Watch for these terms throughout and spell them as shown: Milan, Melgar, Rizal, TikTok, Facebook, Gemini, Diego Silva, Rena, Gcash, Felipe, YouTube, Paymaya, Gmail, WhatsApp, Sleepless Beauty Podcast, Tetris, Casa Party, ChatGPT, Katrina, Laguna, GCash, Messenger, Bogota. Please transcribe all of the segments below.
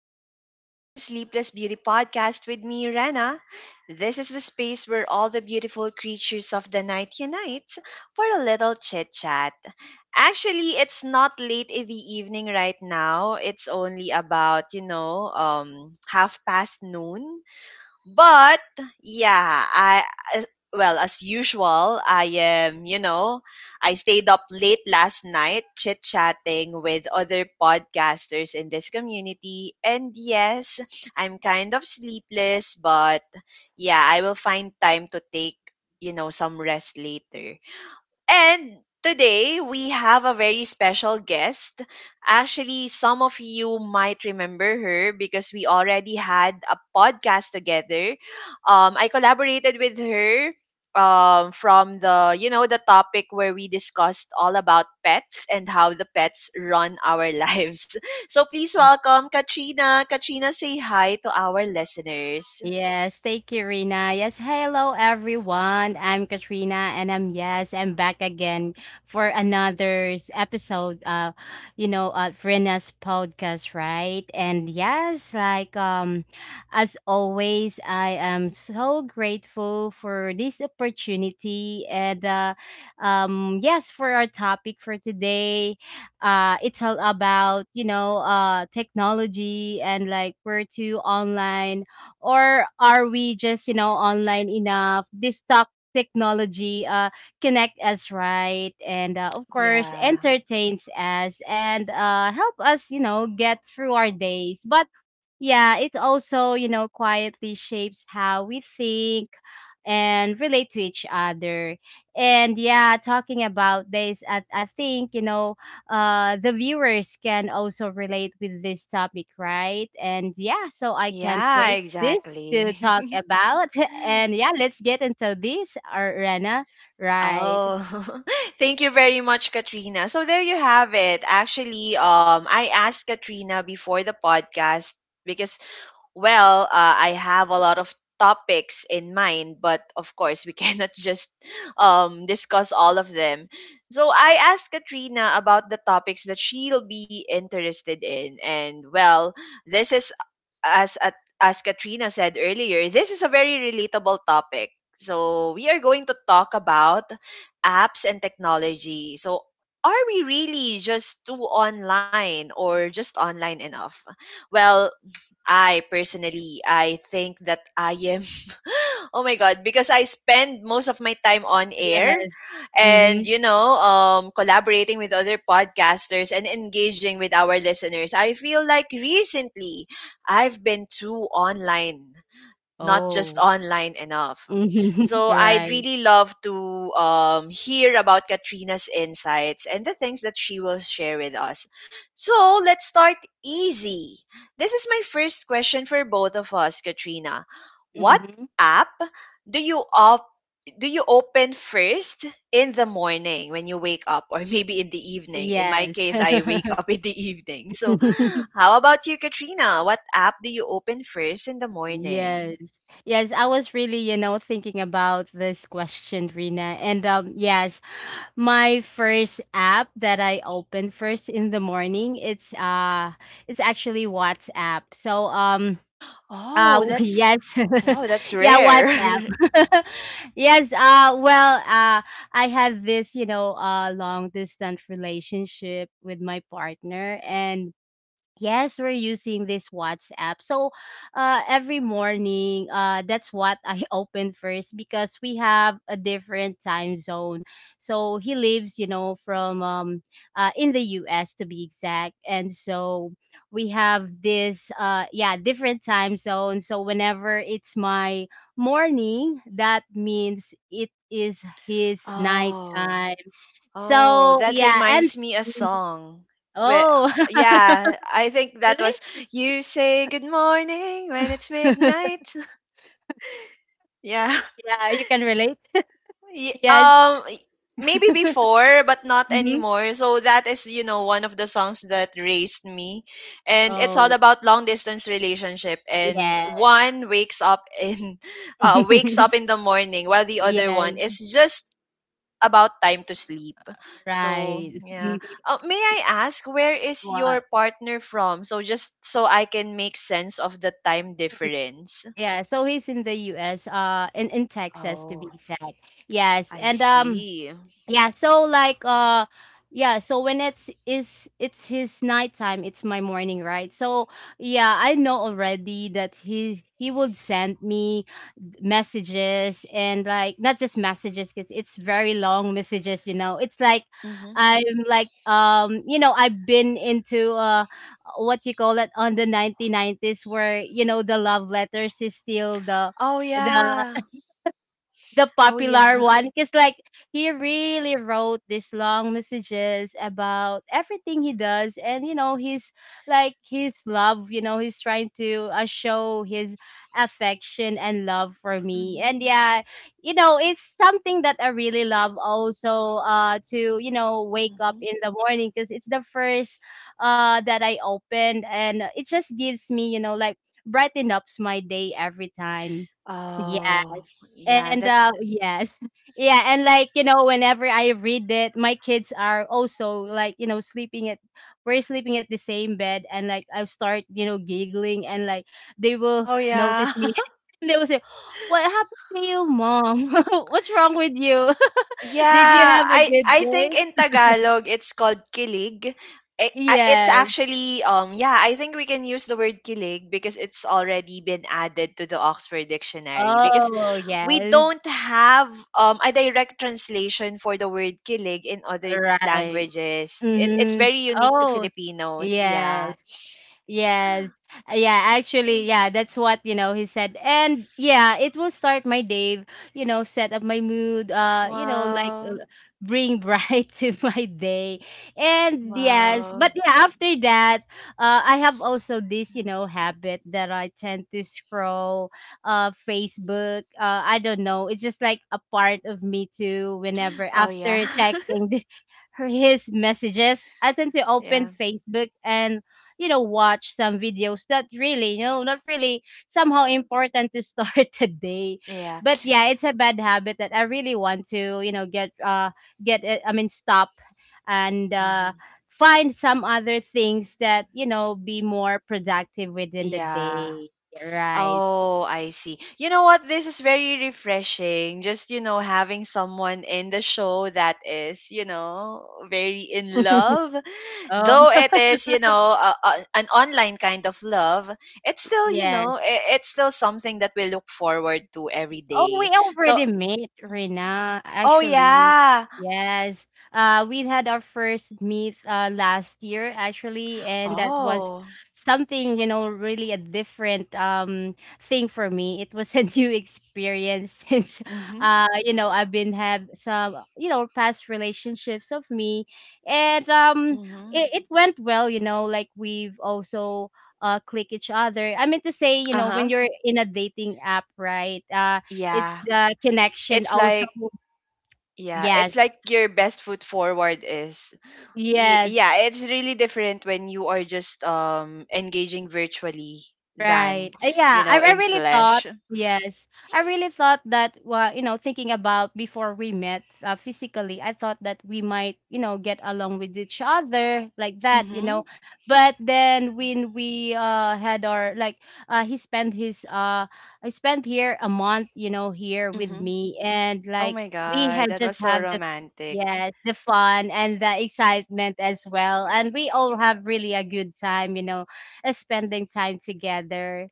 Welcome back to the Sleepless Beauty Podcast with me, Rena. This is the space where all the beautiful creatures of the night unite for a little chit chat. Actually, it's not late in the evening right now. It's only about, half past noon. But yeah, I as- well as usual, I am, I stayed up late last night chit-chatting with other podcasters in this community, and yes, I'm kind of sleepless, but yeah, I will find time to take, some rest later. And today we have a very special guest. Actually, some of you might remember her because we already had a podcast together. I collaborated with her from the the topic where we discussed all about pets and how the pets run our lives. So please welcome Katrina. Katrina, say hi to our listeners. Yes, thank you, Rina. Yes, hello everyone. I'm Katrina, and I'm back again for another episode. Rina's podcast, right? And yes, as always, I am so grateful for this opportunity, and yes, for our topic for today, it's all about technology and like where to online or are we just online enough this talk technology connect us, right? And of course, Yeah. entertains us and help us get through our days. But yeah, it also, you know, quietly shapes how we think and relate to each other. And yeah, talking about this, I think, you know, the viewers can also relate with this topic, right? And yeah, so I can't Yeah, wait this to talk exactly. about. And yeah, let's get into this, Rena. Right. Oh, thank you very much, Katrina. So there you have it. Actually, I asked Katrina before the podcast because, well, uh, I have a lot of topics in mind, but of course, we cannot just discuss all of them. So I asked Katrina about the topics that she'll be interested in, and well, this is as at as Katrina said earlier, this is a very relatable topic. So we are going to talk about apps and technology. So are we really just too online or just online enough? Well, I personally I think that I am. Oh my God, because I spend most of my time on air Yes. and, Mm-hmm. Collaborating with other podcasters and engaging with our listeners. I feel like recently I've been too online, not just Oh. online enough. Mm-hmm. So I'd Right. really love to hear about Katrina's insights and the things that she will share with us. So let's start easy. This is my first question for both of us, Katrina. What Mm-hmm. app do you op- do you open first in the morning when you wake up, or maybe in the evening? In my Yes. case, I wake up in the evening. So how about you, Katrina? What app do you open first in the morning? Yes. Yes, I was really, you know, thinking about this question, Rina. And yes, my first app that I open first in the morning, it's actually WhatsApp. Oh, that's yes. wow, that's Yeah, WhatsApp. rare. Yes, I had this, you know, long distance relationship with my partner. And yes, we're using this WhatsApp. So, every morning, that's what I open first because we have a different time zone. So he lives, you know, from in the U.S. to be exact, and so we have this, yeah, different time zone. So whenever it's my morning, that means it is his Oh, nighttime. oh, So that yeah, reminds me a mm, song. Where, oh, yeah, I think that was "You Say Good Morning When It's really? Midnight." Yeah, Yeah, you can relate. Y- Yes. um, y- maybe before, but not Mhm. anymore. So that is, you know, one of the songs that raised me, and it's all Oh, about long distance relationship. And yeah. one wakes up in, wakes up in the morning, while the other Yes, one is just about time to sleep. So, right. yeah. Mhm. May I ask where is What? your partner from? So just so I can make sense of the time difference. Yeah, so he's in the US, in Texas to be Oh, exact. Yes. I And see. Yeah, yeah, so when it's his nighttime, it's my morning, right? So yeah, I know already that he would send me messages, and like not just messages because it's very long messages, you know. It's like Mm-hmm. I'm like you know, I've been into what you call it on the 1990s, where you know the love letters is still the Oh the yeah. the Oh yeah. popular one, because like he really wrote these long messages about everything he does. And you know, he's like his love, you know, he's trying to show his affection and love for me. Mm-hmm. And yeah, you know, it's something that I really love also to you know wake up Mm-hmm. in the morning, because it's the first that I opened, and it just gives me you know like brightens up my day every time. Oh Yes. yeah. And That's yes. Yeah, and like, you know, whenever I read it, my kids are also like, you know, sleeping at we're sleeping at the same bed, and like I start, you know, giggling, and like they will oh yeah. notice me. And they will say, "What happened to you, Mom? What's wrong with you? Did you Yeah, have a I good I think in day?" Tagalog it's called kilig. It's Yes. actually yeah, I think we can use the word kilig because it's already been added to the Oxford dictionary because Oh, we yes. don't have a direct translation for the word kilig in other Right. languages. It's Mhm. very unique to Oh, Filipinos. Yeah. yes. Yes. Yeah, actually, Mm. yeah, that's what, you know, he said. And yeah, it will start my day, you know, set up my mood, Wow. Bring bright to my day. And yes, but Wow. yeah, after that, I have also this, you know, habit that I tend to scroll Facebook. I don't know. It's just like a part of me too, whenever Oh yeah. after checking the, her his messages, I tend to open yeah. Facebook and you know watch some videos, not really somehow important to start the day. Yeah. But yeah, it's a bad habit that I really want to you know get it I mean stop, and hmm find some other things that you know be more productive within the Yeah. day, right? Oh, I see. You know what? This is very refreshing. Just, you know, having someone in the show that is, you know, very in love. Oh. Though it is, you know, an online kind of love, it's still, Yes. It's still something that we look forward to every Oh, we day. So, already met, Rena, oh, actually. yeah. Yes. We had our first meet last year, actually, and that was Oh, something, you know, really a different thing for me. It was a new experience since mm-hmm. You know, I've been have some, you know, past relationships of me. And Mm-hmm. It, it went well, you know, like we've also click each other. I mean to say, you know, when Uh-huh. you're in a dating app, right? It's Yeah. the connection It's also. like, yeah, it's Yes. like your best foot forward is. Yes. Yeah, it's really different when you are just engaging virtually than, Right. Uh, you yeah, I, know, I in really thought, flesh. yes, I really thought that, well, you know, thinking about before we met physically, I thought that we might, you know, get along with each other like that, you know. Mhm. But then when we had our like he spent his I spent here a month, you know, here with Mhm. me, and Oh like my we god, had that just was so have the romantic. yes, the fun and the excitement as well. And we all have really a good time, you know, spending time together.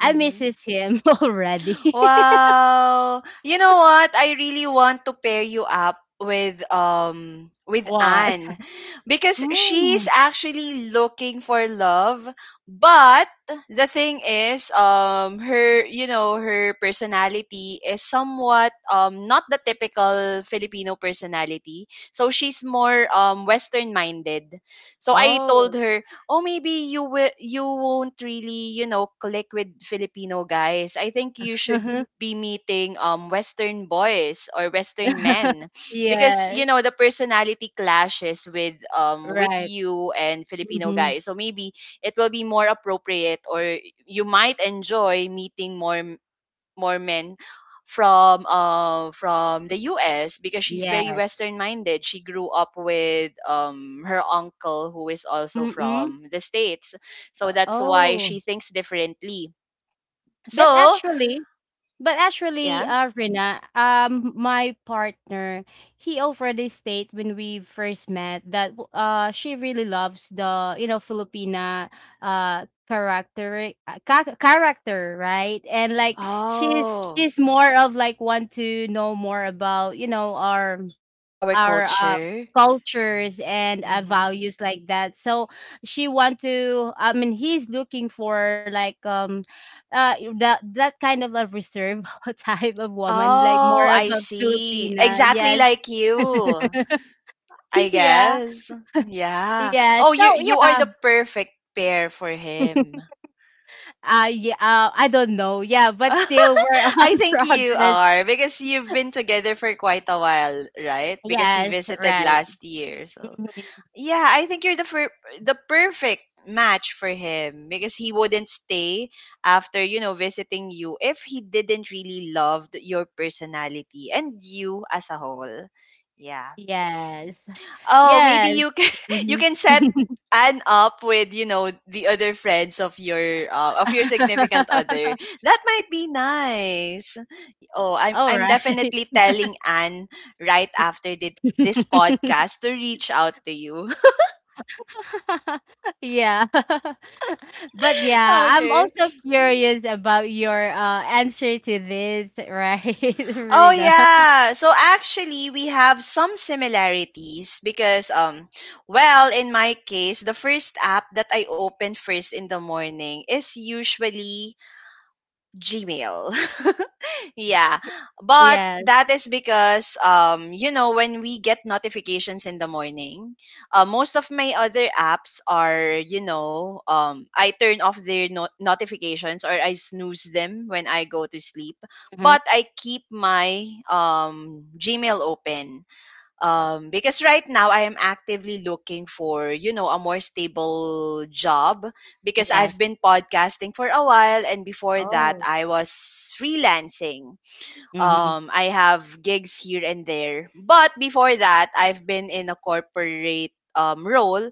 I misses him already. Wow. You know what? I really want to pair you up with What? Anne because she's Mm. actually looking for love, but the thing is, her her personality is somewhat not the typical Filipino personality, so she's more western minded. So I told Oh. her, oh, maybe you won't really, you know, click with Filipino guys. I think you should uh be meeting western boys or western men, because yes. you know the personality clashes with Right. you and Filipino Mm-hmm. guys. So maybe it will be more appropriate, or you might enjoy meeting more men from the US, because she's very Yes. western minded. She grew up with her uncle who is also Mm-mm. from the States. So that's why Oh. she thinks differently. But So, actually, But actually, yeah. Rina, my partner, he already stated when we first met that she really loves the you know Filipina character, right? And like she's Oh, she's more of like want to know more about you know our our culture. cultures and Mhm. values like that. She want to, I mean, he's looking for like that kind of a reserve type of woman, like more Oh, of I a see. Filipina, Exactly yes. like you. I Yeah, guess. Yeah. Oh, you you are yeah. the perfect pair for him. Yeah, I don't know. Yeah, but still we're on I think you progress. are because you've been together for quite a while, right? Because he Yes, visited right. last year. So, Mhm. yeah, I think you're the perfect match for him, because he wouldn't stay after, you know, visiting you if he didn't really love your personality and you as a whole. Yeah. Yes. Oh, maybe Yes. you can you Mhm. can set Anne up with, you know, the other friends of your significant other. That might be nice. Oh, All I'm right. definitely telling Anne right after this podcast to reach out to you. Yeah. But yeah, I'm okay. also curious about your answer to this, right, Oh Rina? yeah. So actually we have some similarities because well in my case the first app that I open first in the morning is usually Gmail. Yeah, but Yes. that is because you know when we get notifications in the morning, most of my other apps are, I turn off their notifications, or I snooze them when I go to sleep, Mm-hmm. but I keep my Gmail open because right now I am actively looking for, you know, a more stable job, because I've Yes. been podcasting for a while, and before that Oh. I was freelancing. Mm-hmm. I have gigs here and there. But before that, I've been in a corporate role,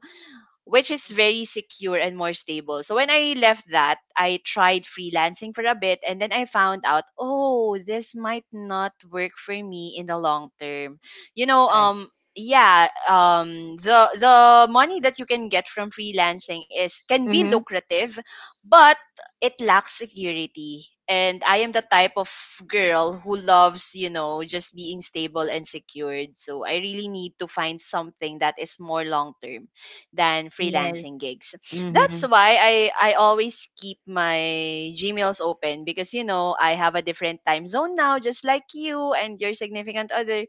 which is very secure and more stable. So when I left that, I tried freelancing for a bit and then I found out, oh, this might not work for me in the long term. You know, Right. Yeah, the money that you can get from freelancing is can be Mm-hmm. lucrative, but it lacks security. And I am the type of girl who loves, you know, just being stable and secured. So I really need to find something that is more long term than Yes. freelancing gigs. That's Mm-hmm. why I always keep my Gmails open, because you know I have a different time zone now, just like you and your significant other.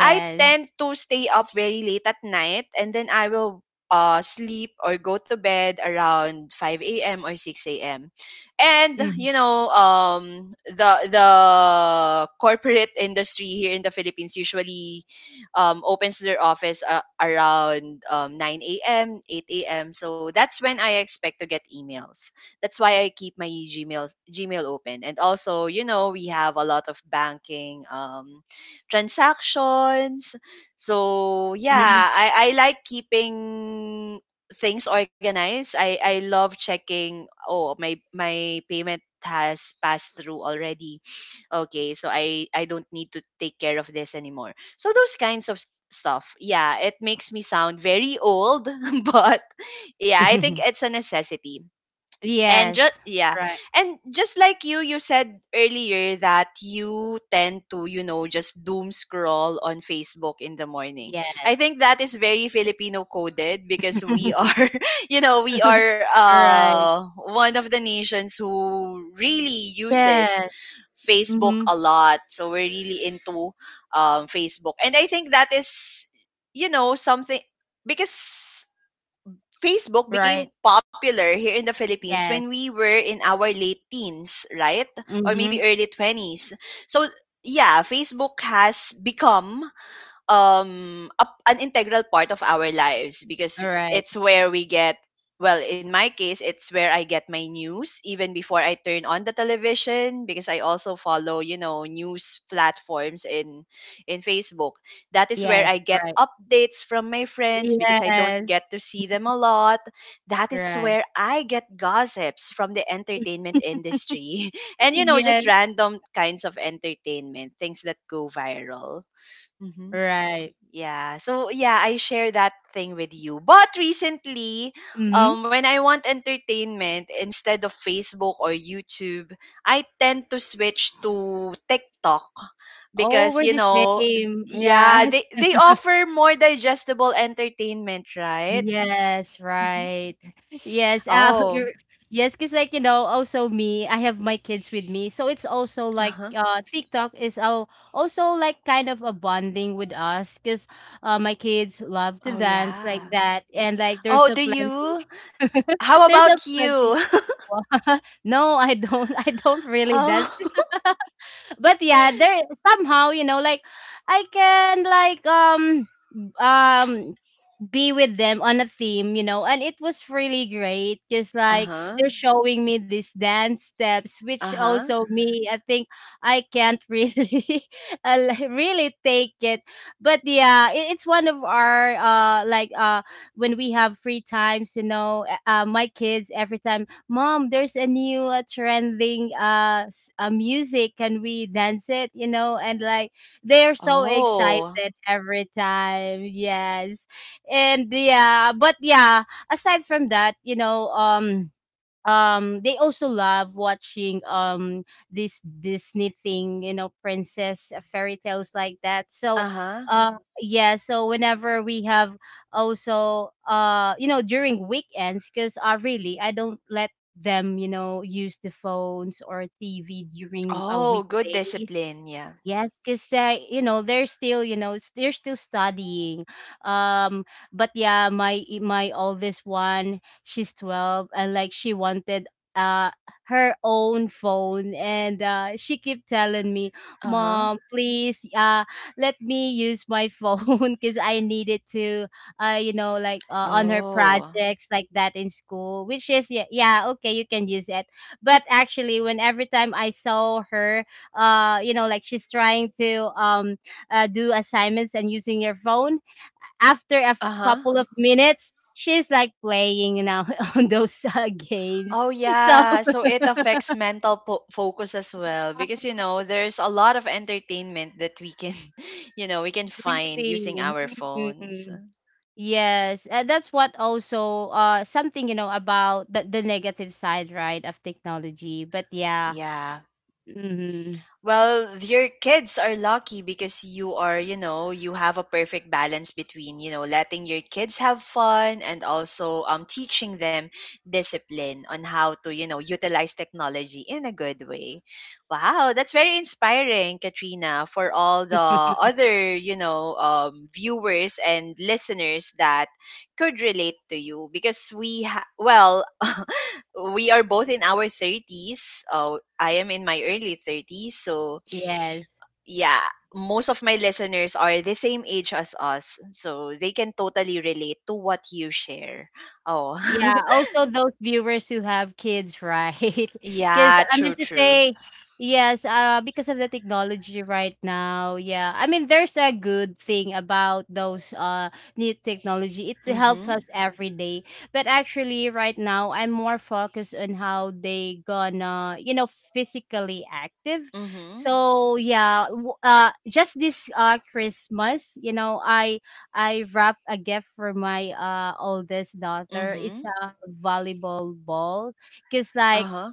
I tend to stay up very late at night and then I will sleep or go to bed around 5 a.m. or 6 a.m. And Mm. you know, the corporate industry here in the Philippines usually opens their office around 9 a.m., 8 a.m. So that's when I expect to get emails. That's why I keep my Gmail open. And also, you know, we have a lot of banking transactions. So Hmm. Yes. yeah, I like keeping things organized. I love checking, oh my, my payment has passed through already. Okay, so I don't need to take care of this anymore. So those kinds of stuff. Yeah, it makes me sound very old, but yeah, mm I think hmm it's a necessity. And just Yes. yeah. Right. And just like you said earlier, that you tend to, you know, just doom scroll on Facebook in the morning. Yes. I think that is very Filipino coded because we are you know, we are Right. One of the nations who really uses Yes. Facebook Mm-hmm. a lot. So we're really into Facebook. And I think that is, you know, something, because Facebook became Right. popular here in the Philippines when Yes. we were in our late teens, right? Or Mm-hmm. maybe early 20s. So, yeah, Facebook has become an integral part of our lives because All right. it's where we get, well in my case it's where I get my news even before I turn on the television, because I also follow, you know, news platforms in Facebook. That is where Yes. I get Right. updates from my friends because I don't Yes, get to see them a lot. That is right. where I get gossips from the entertainment industry and you know just Yes, random kinds of entertainment things that go viral. Mm-hmm. right. Yeah. So yeah, I share that thing with you. But recently, Mhm. When I want entertainment instead of Facebook or YouTube, I tend to switch to TikTok Oh, because we're you the know, same. yeah, Yes. they they offer more digestible entertainment, right? Yes, Mhm. right. Yes, Oh. you're, yes, because like you know, also me, I have my kids with me, so it's also like Uh-huh. TikTok is also like kind of a bonding with us, because my kids love to Oh dance like yeah. that, and like there's Oh, a do plenty, you? How there's a about plenty. you? No, I don't, I don't really dance, oh. but yeah, there somehow you know like I can like um be with them on a theme, you know, and it was really great because like Uh-huh. they're showing me these dance steps, which Uh-huh. also me, I think I can't really like, really take it. But yeah, it, it's one of our when we have free times, you know, my kids every time, "Mom, there's a new trending music, can we dance it?" You know, and like they're so Oh. excited every time. Yes. And yeah, but yeah, aside from that, you know, they also love watching this Disney thing, you know, princess fairy tales like that. Uh-huh. uh yeah, so whenever we have also you know during weekends, because really I don't let them you know use the phones or TV during Oh, good weekdays. discipline, yeah. Yes, because they, you know, they're still, you know, they're still studying. Um, but yeah, my my oldest one, she's 12, and like she wanted uh her own phone, and she keep telling me, Uh-huh. "Mom, please, let me use my phone because I need it to, you know, like on her Oh. projects like that in school." Which is yeah, yeah, okay, you can use it. But actually, when every time I saw her you know like she's trying to do assignments and using your phone, after a Uh-huh. couple of minutes she's like playing you know on those games, Oh so. yeah, so it affects mental po focus as well because you know there's a lot of entertainment that we can, you know, we can find Really. using our phones. Mm, yes, that's what also something you know about the negative side, right, of technology. But yeah. Yeah. Hmm. Well, your kids are lucky because you are, you know, you have a perfect balance between, you know, letting your kids have fun and also teaching them discipline on how to, you know, utilize technology in a good way. Wow, that's very inspiring, Katrina, for all the other, you know, viewers and listeners that could relate to you because we ha- well, we are both in our 30s. Oh, I am in my early 30s. So, Yes. yeah, most of my listeners are the same age as us. So, they can totally relate to what you share. Oh, Yeah, also those viewers who have kids, right? Because yeah, I true, meant to true. say, yes, because of the technology right now, yeah. I mean, there's a good thing about those new technology. It Mm helps hmm. us every day. But actually, right now, I'm more focused on how they gonna, you know, physically active. Mm hmm. So yeah, just this Christmas, you know, I wrapped a gift for my oldest Mm daughter. hmm. It's a volleyball ball, because Uh like huh.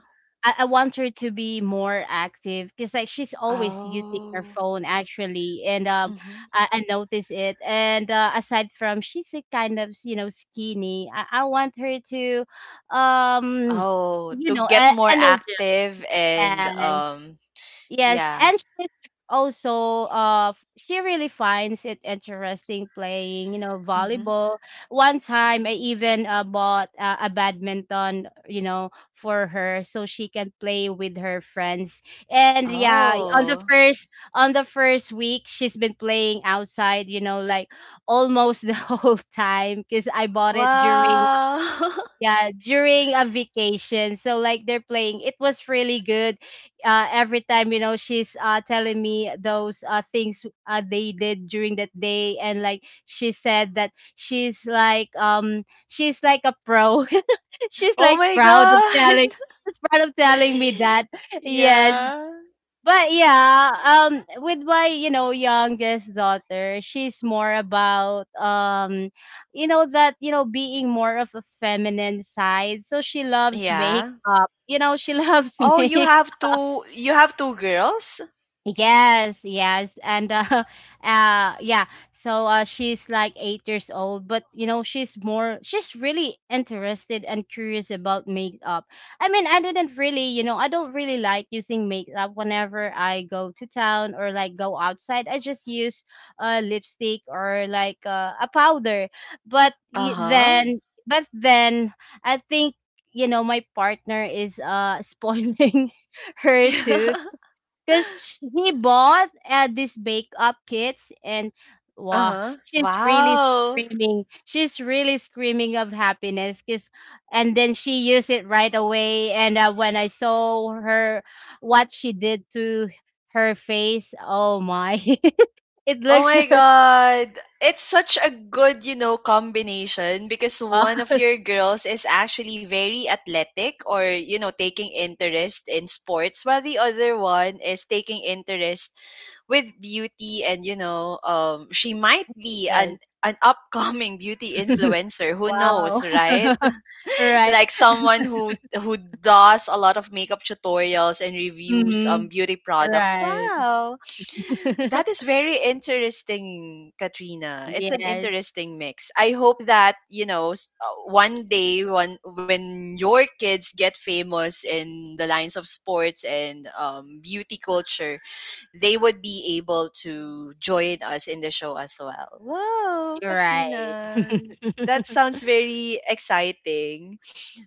I want her to be more active because like she's always using her Oh. phone actually, and Mm hmm. I notice it. And aside from she's a kind of you know skinny, I want her to um Oh, you to know e- get more active and, energy. Yes, yeah. and she's also she really finds it interesting playing, you know, Mm hmm. volleyball. One time I even bought a badminton, you know, for her so she can play with her friends. And yeah, on the Oh. first on the first week she's been playing outside, you know, like almost the whole time because I bought it during Wow. yeah, during a vacation. So like they're playing. It was really good. Every time, you know, she's telling me those things they did during that day, and like she said that she's like a pro. She's oh like my proud of telling. God. She's proud of telling me that. Yes, Yeah. but yeah, with my, you know, youngest daughter, she's more about you know that, being more of a feminine side. So she loves Yeah. makeup. You know, she loves Oh, makeup. You have two girls? Yes, yes. And yeah. So she's like 8 years old, but you know, she's really interested and curious about makeup. I mean, I didn't really, you know, I don't really like using makeup whenever I go to town or like go outside. I just use lipstick or like a powder. But y- Uh-huh. then but then I think you know my partner is spoiling her too because he bought these bake up kits and wow, Uh-huh. she's really Wow. screaming, she's really screaming of happiness because and then she used it right away and when I saw her what she did to her face, oh my, it Oh looks my God. It's such a good, you know, combination because oh one of your girls is actually very athletic or, you know, taking interest in sports while the other one is taking interest with beauty and you know she might be yes. An upcoming beauty influencer, who Wow. knows, right? Right. Like someone who does a lot of makeup tutorials and reviews Mm-hmm. Beauty products. Right. Wow, that is very interesting, Katrina. It's an Yes. interesting mix. I hope that, you know, s- one day when your kids get famous in the lines of sports and beauty culture, they would be able to join us in the show as well. Wow, You're right. Katrina. That sounds very exciting.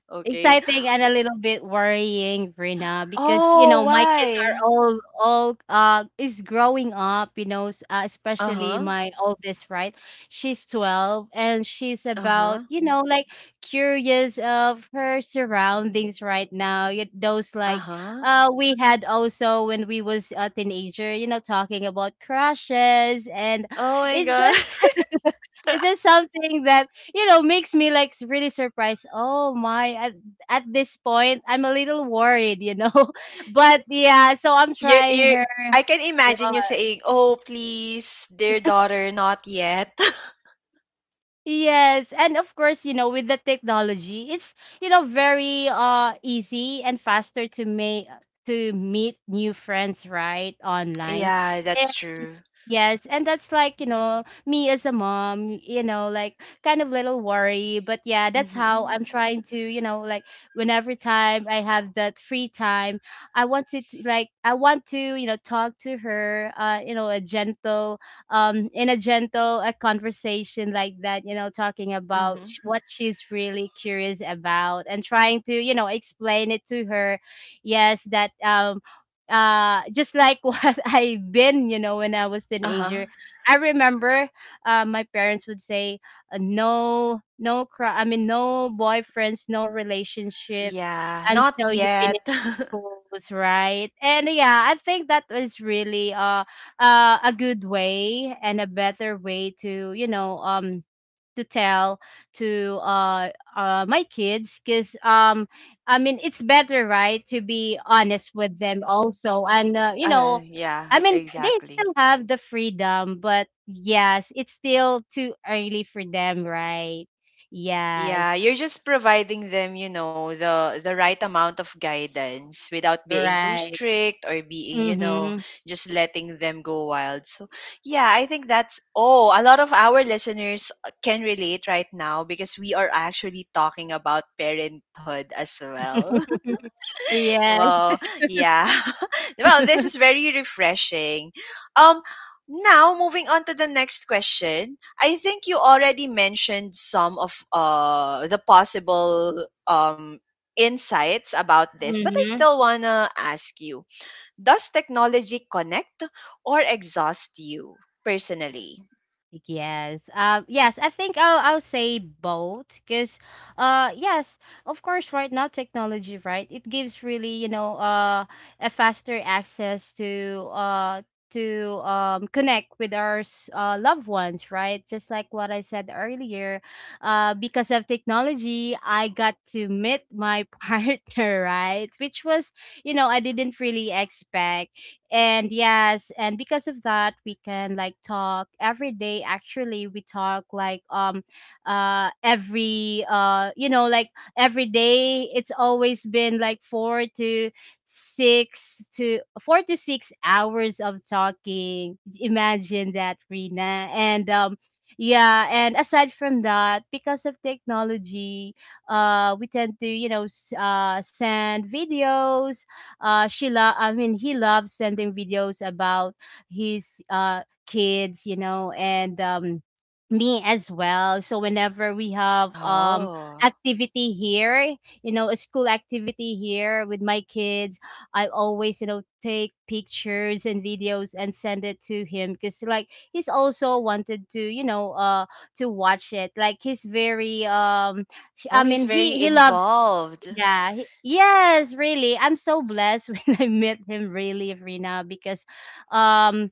Okay. Exciting and a little bit worrying, Rina, because you Oh, know Mm. my kids are why? all is growing up. You know, especially Uh-huh. my oldest, right? She's 12 and she's about Uh-huh. you know like curious of her surroundings right now. Yet those like Uh-huh. We had also when we was a teenager. You know, talking about crushes and Oh my it's god. just it's just something that you know makes me like really surprised oh my at this point I'm a little worried you know but yeah so I'm you trying you her I can one. imagine you saying, "Oh, please, dear daughter, not yet." Yes, and of course you know with the technology it's you know very easy and faster to make to meet new friends right online. Yeah, that's true. Yes, and that's like, you know, me as a mom, you know, like kind of little worry, but yeah, that's how Mhm. I'm trying to, you know, like whenever time I have that free time, I want to like I want to, you know, talk to her, you know, a gentle in a gentle a conversation like that, you know, talking about Mhm. What she's really curious about and trying to, you know, explain it to her. Yes, that just like what I've been, you know, when I was Uh-huh. teenager. I remember my parents would say no no cry I mean no boyfriends, no relationships Yeah, not until you finish yet. schools, right? And yeah, I think that was really a good way and a better way to, you know, to tell to my kids because I mean it's better right to be honest with them also and you know Yeah, I mean they exactly. still have the freedom but yes it's still too early for them right. Yes. Yeah, you're just providing them, you know, the right amount of guidance without being too Right. strict or being, you know, Mm-hmm. just letting them go wild. So, yeah, I think that's oh, a lot of our listeners can relate right now because we are actually talking about parenthood as well. Yes. Well, yeah. Well, this is very refreshing. Um Now moving on to the next question. I think you already mentioned some of the possible um insights about this, but I Mm-hmm. still want to ask you. Does technology connect or exhaust you personally? Yes. Yes, I think I'll say both because, yes, of course, right now technology, right, it gives really you know a faster access to connect with our loved ones, right? Just like what I said earlier, because of technology, I got to meet my partner, right, which was you know I didn't really expect and yes and because of that we can like talk every day. Actually we talk like every you know like every day. It's always been like four to six hours of talking, imagine that Rina. And yeah and aside from that, because of technology we tend to you know send videos. She lo- I mean He loves sending videos about his kids you know and me as well. So whenever we have Oh. activity here, you know, a school activity here with my kids, I always you know take pictures and videos and send it to him because like he's also wanted to you know to watch it. Like he's very Oh, he's very he loves involved. yeah. Yes, really. I'm so blessed when I met him, really, Rina, because um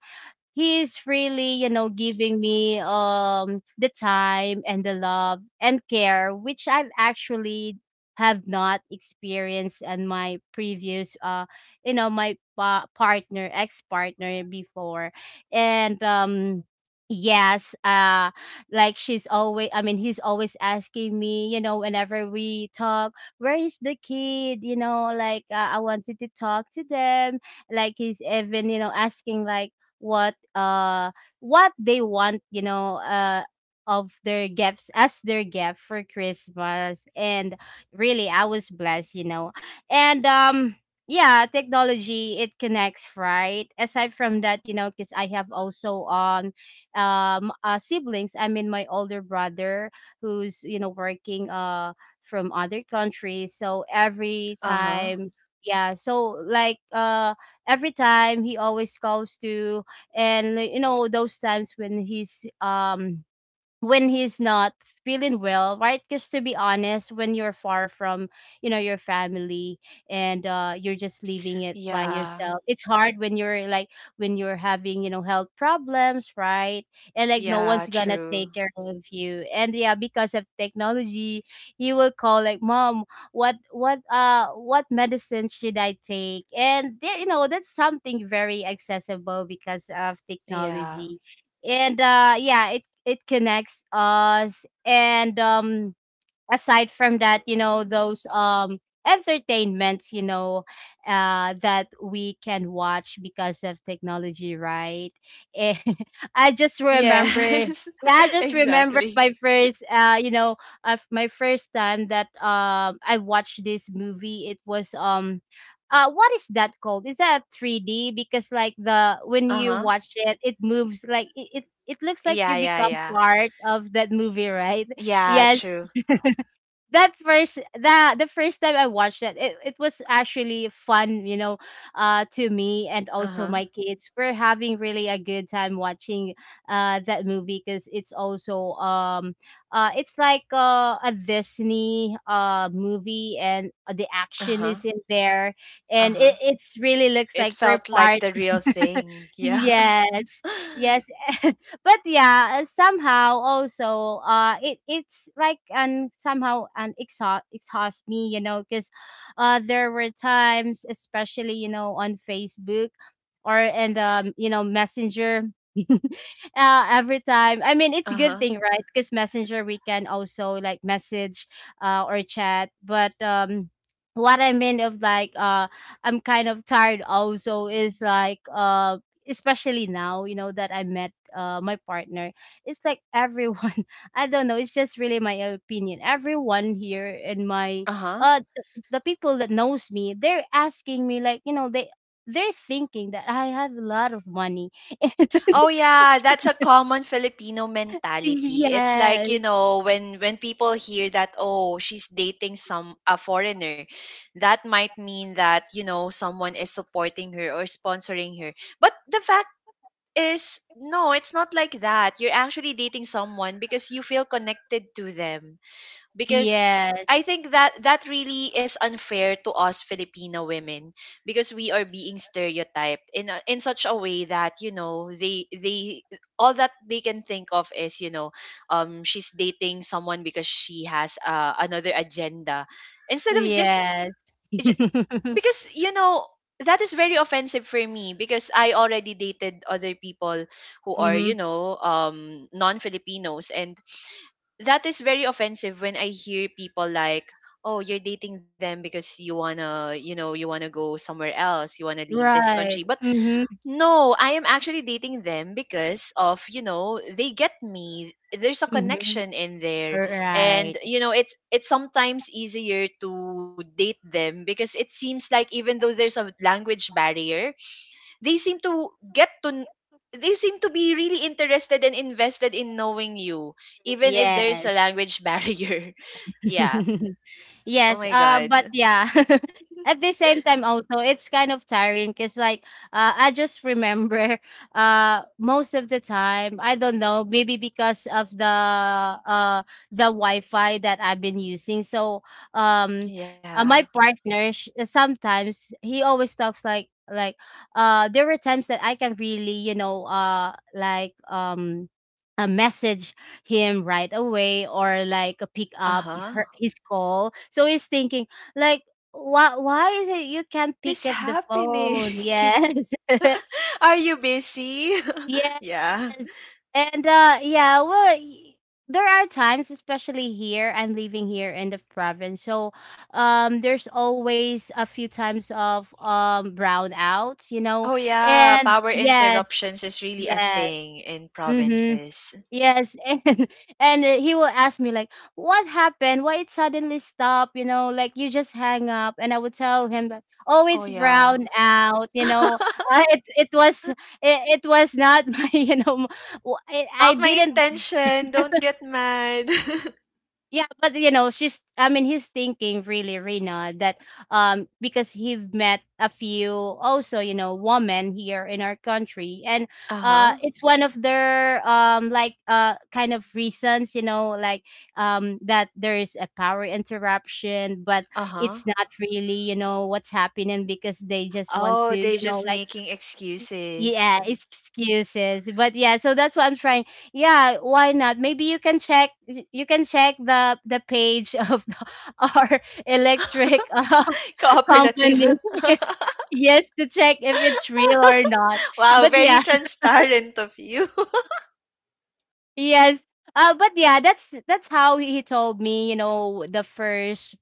he is really, you know, giving me the time and the love and care which I've actually have not experienced and my previous you know my partner, ex-partner before. And yes like she's always I mean he's always asking me you know whenever we talk, where is the kid, you know, like I wanted to talk to them. Like he's even you know asking like what uh what they want you know of their gifts as their gift for Christmas. And really I was blessed you know. And yeah, technology it connects right. Aside from that you know, because I have also siblings, my older brother who's you know working from other countries. So every Uh-huh. time yeah so like every time he always calls to and you know those times when he's not feeling well right, because to be honest when you're far from you know your family and you're just leaving it by Yeah. yourself, it's hard when you're like when you're having you know health problems right, and like no Yeah, one's gonna take true. care of you. And yeah, because of technology you will call like mom what medicine should I take and you know that's something very accessible because of Yeah. technology. And yeah it connects us. And aside from that, you know, those entertainments, you know, that we can watch because of technology, right? Eh, I just remember Yes, yeah, I just remember exactly. my first you know, my first time that I watched this movie. It was what is that called? Is that 3D? Because like the when you Uh-huh. watch it, it moves like it looks like you Yeah, yeah, become yeah. part of that movie, right? Yeah, Yes, true. that first the first time I watched that it was actually fun you know to me, and also Uh-huh. my kids we're having really a good time watching that movie because it's also it's like a Disney movie and the action is Uh-huh. in there and it Uh-huh. it's really looks It like we're felt part. like the real thing. Yeah. Yes, yes. But yeah, somehow also it it's like and somehow an exhaust me, you know, because there were times, especially, you know, on Facebook or in the you know, Messenger. Every time. I mean, it's a good Uh-huh. thing, right? Because Messenger we can also like message or chat. But what I mean of like I'm kind of tired also is like especially now, you know, that I met my partner. It's like everyone I don't know, it's just really my opinion. Everyone here in my Uh-huh. The people that knows me, they're asking me like, you know, they're thinking that I have a lot of money. Oh yeah, that's a common Filipino mentality. It's like, you Yes. know, when people hear that, oh, she's dating some a foreigner, that might mean that, you know, someone is supporting her or sponsoring her. But the fact is no, it's not like that. You're actually dating someone because you feel connected to them. Because I Yes. think that that really is unfair to us Filipino women because we are being stereotyped in a, in such a way that you know they all that they can think of is you know she's dating someone because she has another agenda instead of just Yes. because you know that is very offensive for me because I already dated other people who are Mm-hmm. you know non-Filipinos, and that is very offensive when I hear people like, oh, you're dating them because you wanna, you know, you wanna go somewhere else, you wanna leave this Right. country, but Mhm, no, I am actually dating them because of, you know, they get me. There's a mhm. connection in there. And, Right. you know, it's sometimes easier to date them because it seems like even though there's a language barrier, they seem to get to kn- they seem to be really interested and invested in knowing you, even if there's Yes. a language barrier. Yeah. Oh Yes, my god. but yeah, at the same time also it's kind of tiring because like I just remember most of the time I don't know maybe because of the Wi-Fi that I've been using. So um, Yeah. my partner sometimes he always talks like there were times that I can really you know like um a message him right away or like pick up Uh-huh. her his call. So he's thinking like why is it you can't What is pick up the happening? phone? Yes. Are you busy? Yes. Yeah. And yeah, well there are times, especially here I'm living here in the province. So there's always a few times of brownouts, you know. Oh yeah, And power yes, interruptions is really a yes. thing in Mhm. provinces. Yes, and and he will ask me like, "What happened? Why it suddenly stopped? You know, like you just hang up." And I would tell him that, "Oh, Oh it's yeah. brown out. Uh, it it was it, it was not my I Not my didn't intention. Don't get mad. yeah, but she's I mean he's thinking, really, Rena, that because he've met a few also, you know, women here in our country. And Uh-huh. it's one of their like kind of reasons, you know, like that there is a power interruption, but Uh-huh. it's not really, you know, what's happening because they just want Oh, to, they're you know, just like making excuses. yeah, excuses. But yeah, so that's what I'm trying. Yeah, why not? Maybe you can check you can check the page of the, our electric company. Cooperative. yes, to check if it's real or not. Wow, But very yeah, transparent of you. yes. But yeah, that's how he told me, you know, the first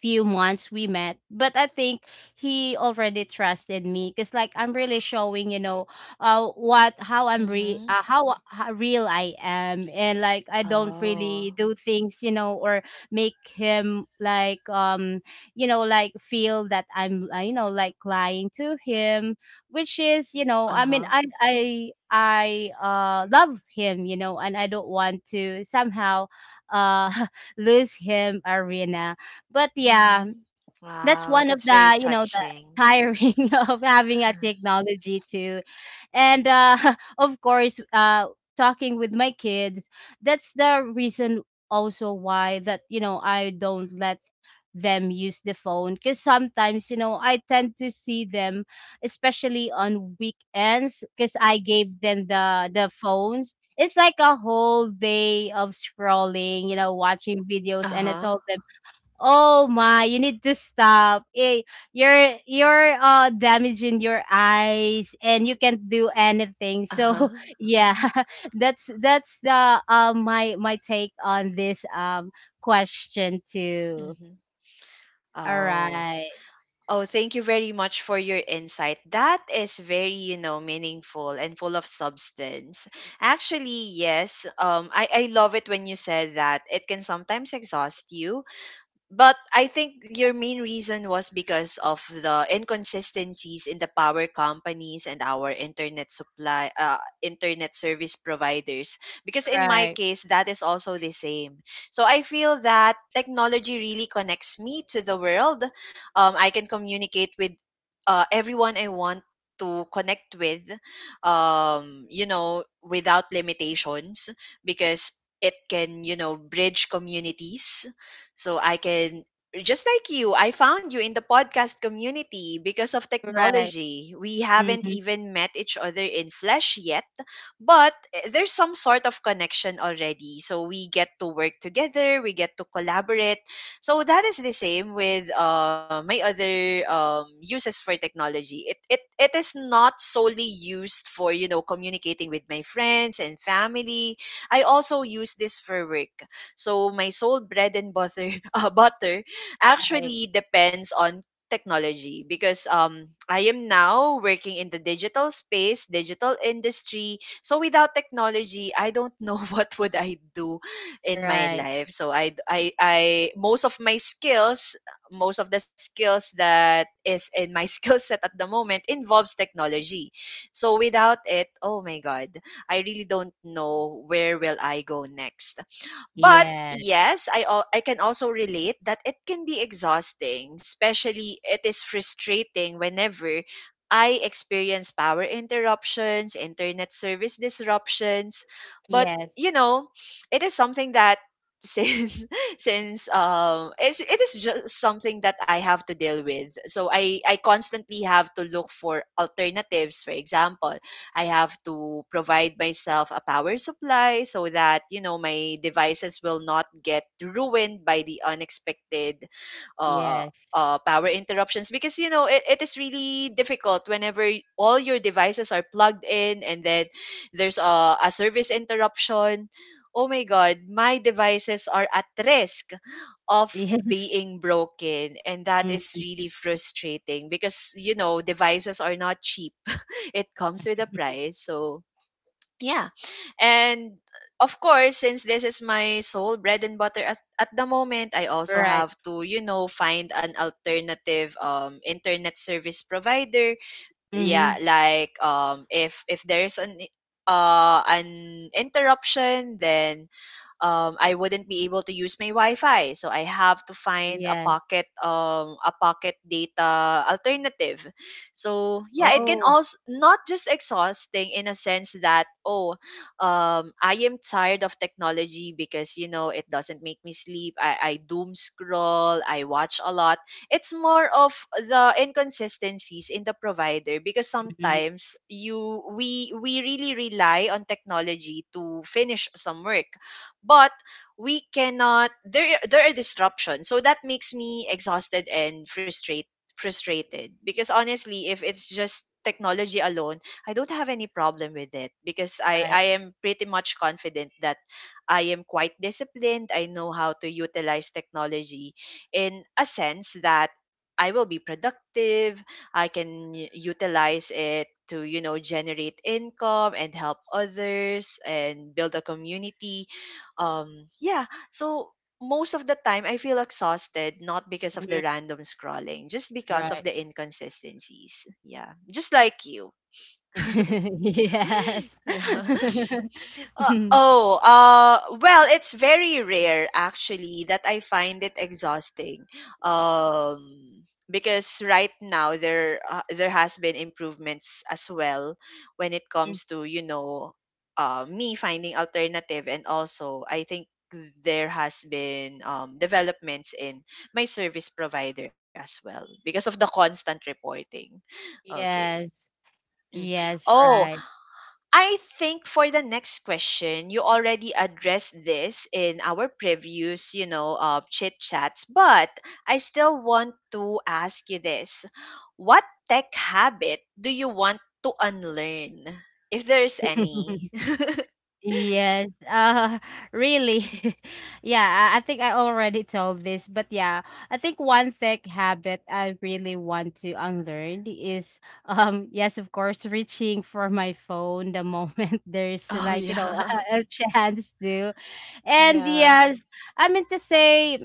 few months we met. But I think he already trusted me because like I'm really showing you know what how I'm re Mm-hmm. How real I am. And like I don't really Oh. do things, you know, or make him like you know like feel that I'm you know, like lying to him, which is you know I mean Uh-huh. I love him, you know, and I don't want to somehow uh lose him, Arena. But yeah, Mm-hmm. that's Wow, one of that's very the, you know, the touching. tiring of having a technology too. And of course, talking with my kids, that's the reason also why that, you know, I don't let them use the phone, because sometimes you know I tend to see them especially on weekends. Because I gave them the phones, it's like a whole day of scrolling, you know, watching videos, and I Uh-huh. told them, "Oh my, you need to stop. Eh, you're damaging your eyes and you can't do anything." So Uh-huh. yeah, that's the my my take on this question too. Mm-hmm. All Oh. right. Oh, thank you very much for your insight. That is very, you know, meaningful and full of substance. Actually, yes, I love it when you said that it can sometimes exhaust you, but I think your main reason was because of the inconsistencies in the power companies and our internet supply, internet service providers. Because in my Right. case, that is also the same. So I feel that technology really connects me to the world. I can communicate with everyone I want to connect with, you know, without limitations because it can, you know, bridge communities, so I can just like you, I found you in the podcast community because of Right. technology. We haven't Mm-hmm. even met each other in flesh yet, but eh, there's some sort of connection already. So we get to work together, we get to collaborate. So that is the same with my other uses for technology. It is not solely used for you know communicating with my friends and family. I also use this for work. So my sole bread and butter butter Right. actually depends on technology because I am now working in the digital space, digital industry. So without technology, I don't know what would I do in my Right. life. So I, most of my skills, most of the skills that is in my skill set at the moment involves technology. So without it, oh my god, I really don't know where will I go next. But Yeah. yes, I al- I can also relate that it can be exhausting, especially it is frustrating whenever I experience power interruptions, internet service disruptions, but Yes. you know, it is something that since since it is just something that I have to deal with. So I constantly have to look for alternatives, for example. I have to provide myself a power supply so that, you know, my devices will not get ruined by the unexpected uh, Yes. Power interruptions because you know it is really difficult whenever y- all your devices are plugged in and then there's a service interruption. Oh my god, my devices are at risk of Yes. being broken, and that is Mm, really frustrating because you know devices are not cheap, it comes with a price. So, yeah. And of course, since this is my sole bread and butter at the moment, I also right. have to, you know, find an alternative internet service provider. Mm-hmm. Yeah, like if there's an interruption, then I wouldn't be able to use my Wi-Fi, so I have to find Yes. A pocket data alternative. So yeah, it can Oh. also not just exhausting in a sense that oh, I am tired of technology because you know it doesn't make me sleep. I doom scroll, I watch a lot. It's more of the inconsistencies in the provider because Mm-hmm. sometimes you we really rely on technology to finish some work, but we cannot, there there are disruptions, so that makes me exhausted and frustrated, because honestly if it's just technology alone, I don't have any problem with it because i Right. i am pretty much confident that I am quite disciplined, I know how to utilize technology in a sense that I will be productive, I can u- utilize it to you know generate income and help others and build a community. Yeah, so most of the time I feel exhausted not because of the Mm-hmm. random scrolling, just because of Right. the inconsistencies, yeah, just like you. Yes. Yeah. Mm, oh, well, it's very rare actually that I find it exhausting. Because right now there has been improvements as well when it comes to you know, me finding alternative, and also I think there has been developments in my service provider as well because of the constant reporting. Okay. yes. Mm. Yes, Oh, right. I think for the next question, you already addressed this in our previous, you know, chit chats, but I still want to ask you this. What tech habit do you want to unlearn? If there's any. Yes. Really. Yeah, I think I already told this, but yeah, I think one tech habit I really want to unlearn is yes, of course, reaching for my phone the moment there's Oh, like, you know, yeah. A chance to. And Yeah. yes, I mean to say,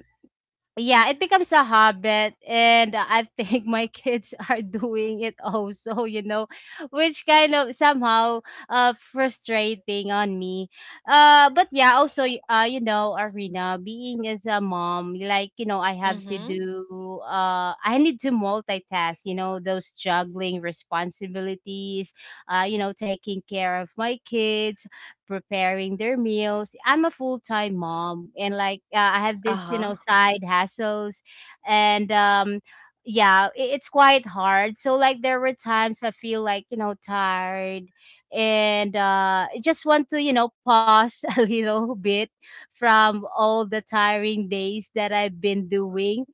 yeah, it becomes a habit. And I think my kids are doing it also, you know, which kind of somehow frustrating on me. But yeah, also you know, Arena, being as a mom, like you know, I Mm have to hmm. do I need to multitask, you know, those juggling responsibilities, you know, taking care of my kids, preparing their meals. I'm a full time mom, and like I have Uh this, you know, huh. side hassles. And yeah, it's quite hard. So like there were times I feel like you know tired, and I just want to you know pause a little bit from all the tiring days that I've been doing.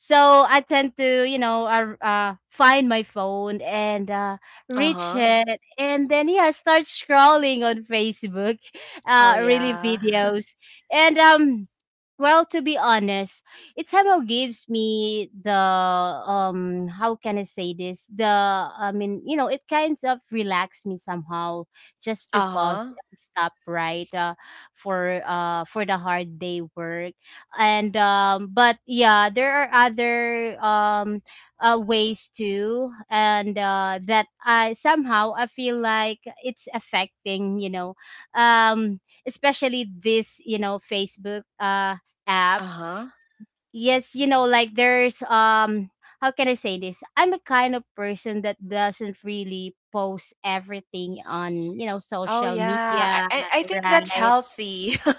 So I tend to, you know, find my phone and Uh reach huh. it, and then yeah, start scrolling on Facebook, Oh, really yeah. videos. And well, to be honest, it somehow gives me the how can I say this? You know, it kind of relax me somehow, just to Uh pause huh. and stop right for the hard day work. And but yeah, there are other ways too, and that I somehow I feel like it's affecting, you know, um especially this you know Facebook Uh app. huh. Yes, you know, like there's how can I say this? I'm a kind of person that doesn't really post everything on, you know, Oh social yeah, media, I think that's right? healthy.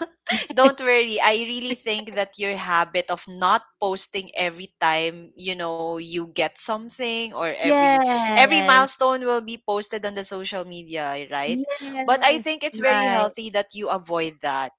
Don't worry. I really think that your habit of not posting every time, you know, you get something or every Yes. milestone will be posted on the social media, right? But I Yes, think it's very right. healthy that you avoid that.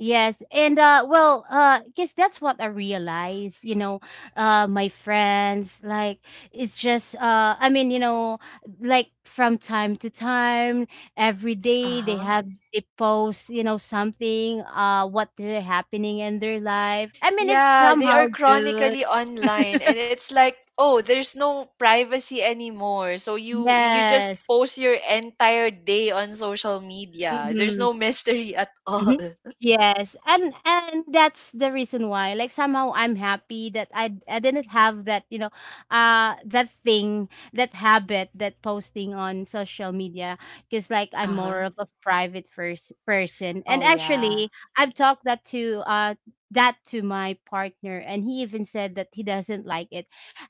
Yes, and well, guess that's what I realized, you know, my friends like it's just I mean, you know, like from time to time, every day they Uh-huh. have they post, you know, something what they're happening in their life. I mean, it's Yeah, they are somehow good. chronically online and it's like, oh, there's no privacy anymore. So you just Yes. post your entire day on social media. There's Mhm. no mystery at all. Mhm. Yes, and that's the reason why. Like somehow I'm happy that I didn't have that, you know, that thing, that habit that posting on social media, because like I'm more Uh-huh. of a private first person. And Oh yeah. actually, I've talked that to that to my partner, and he even said that he doesn't like it.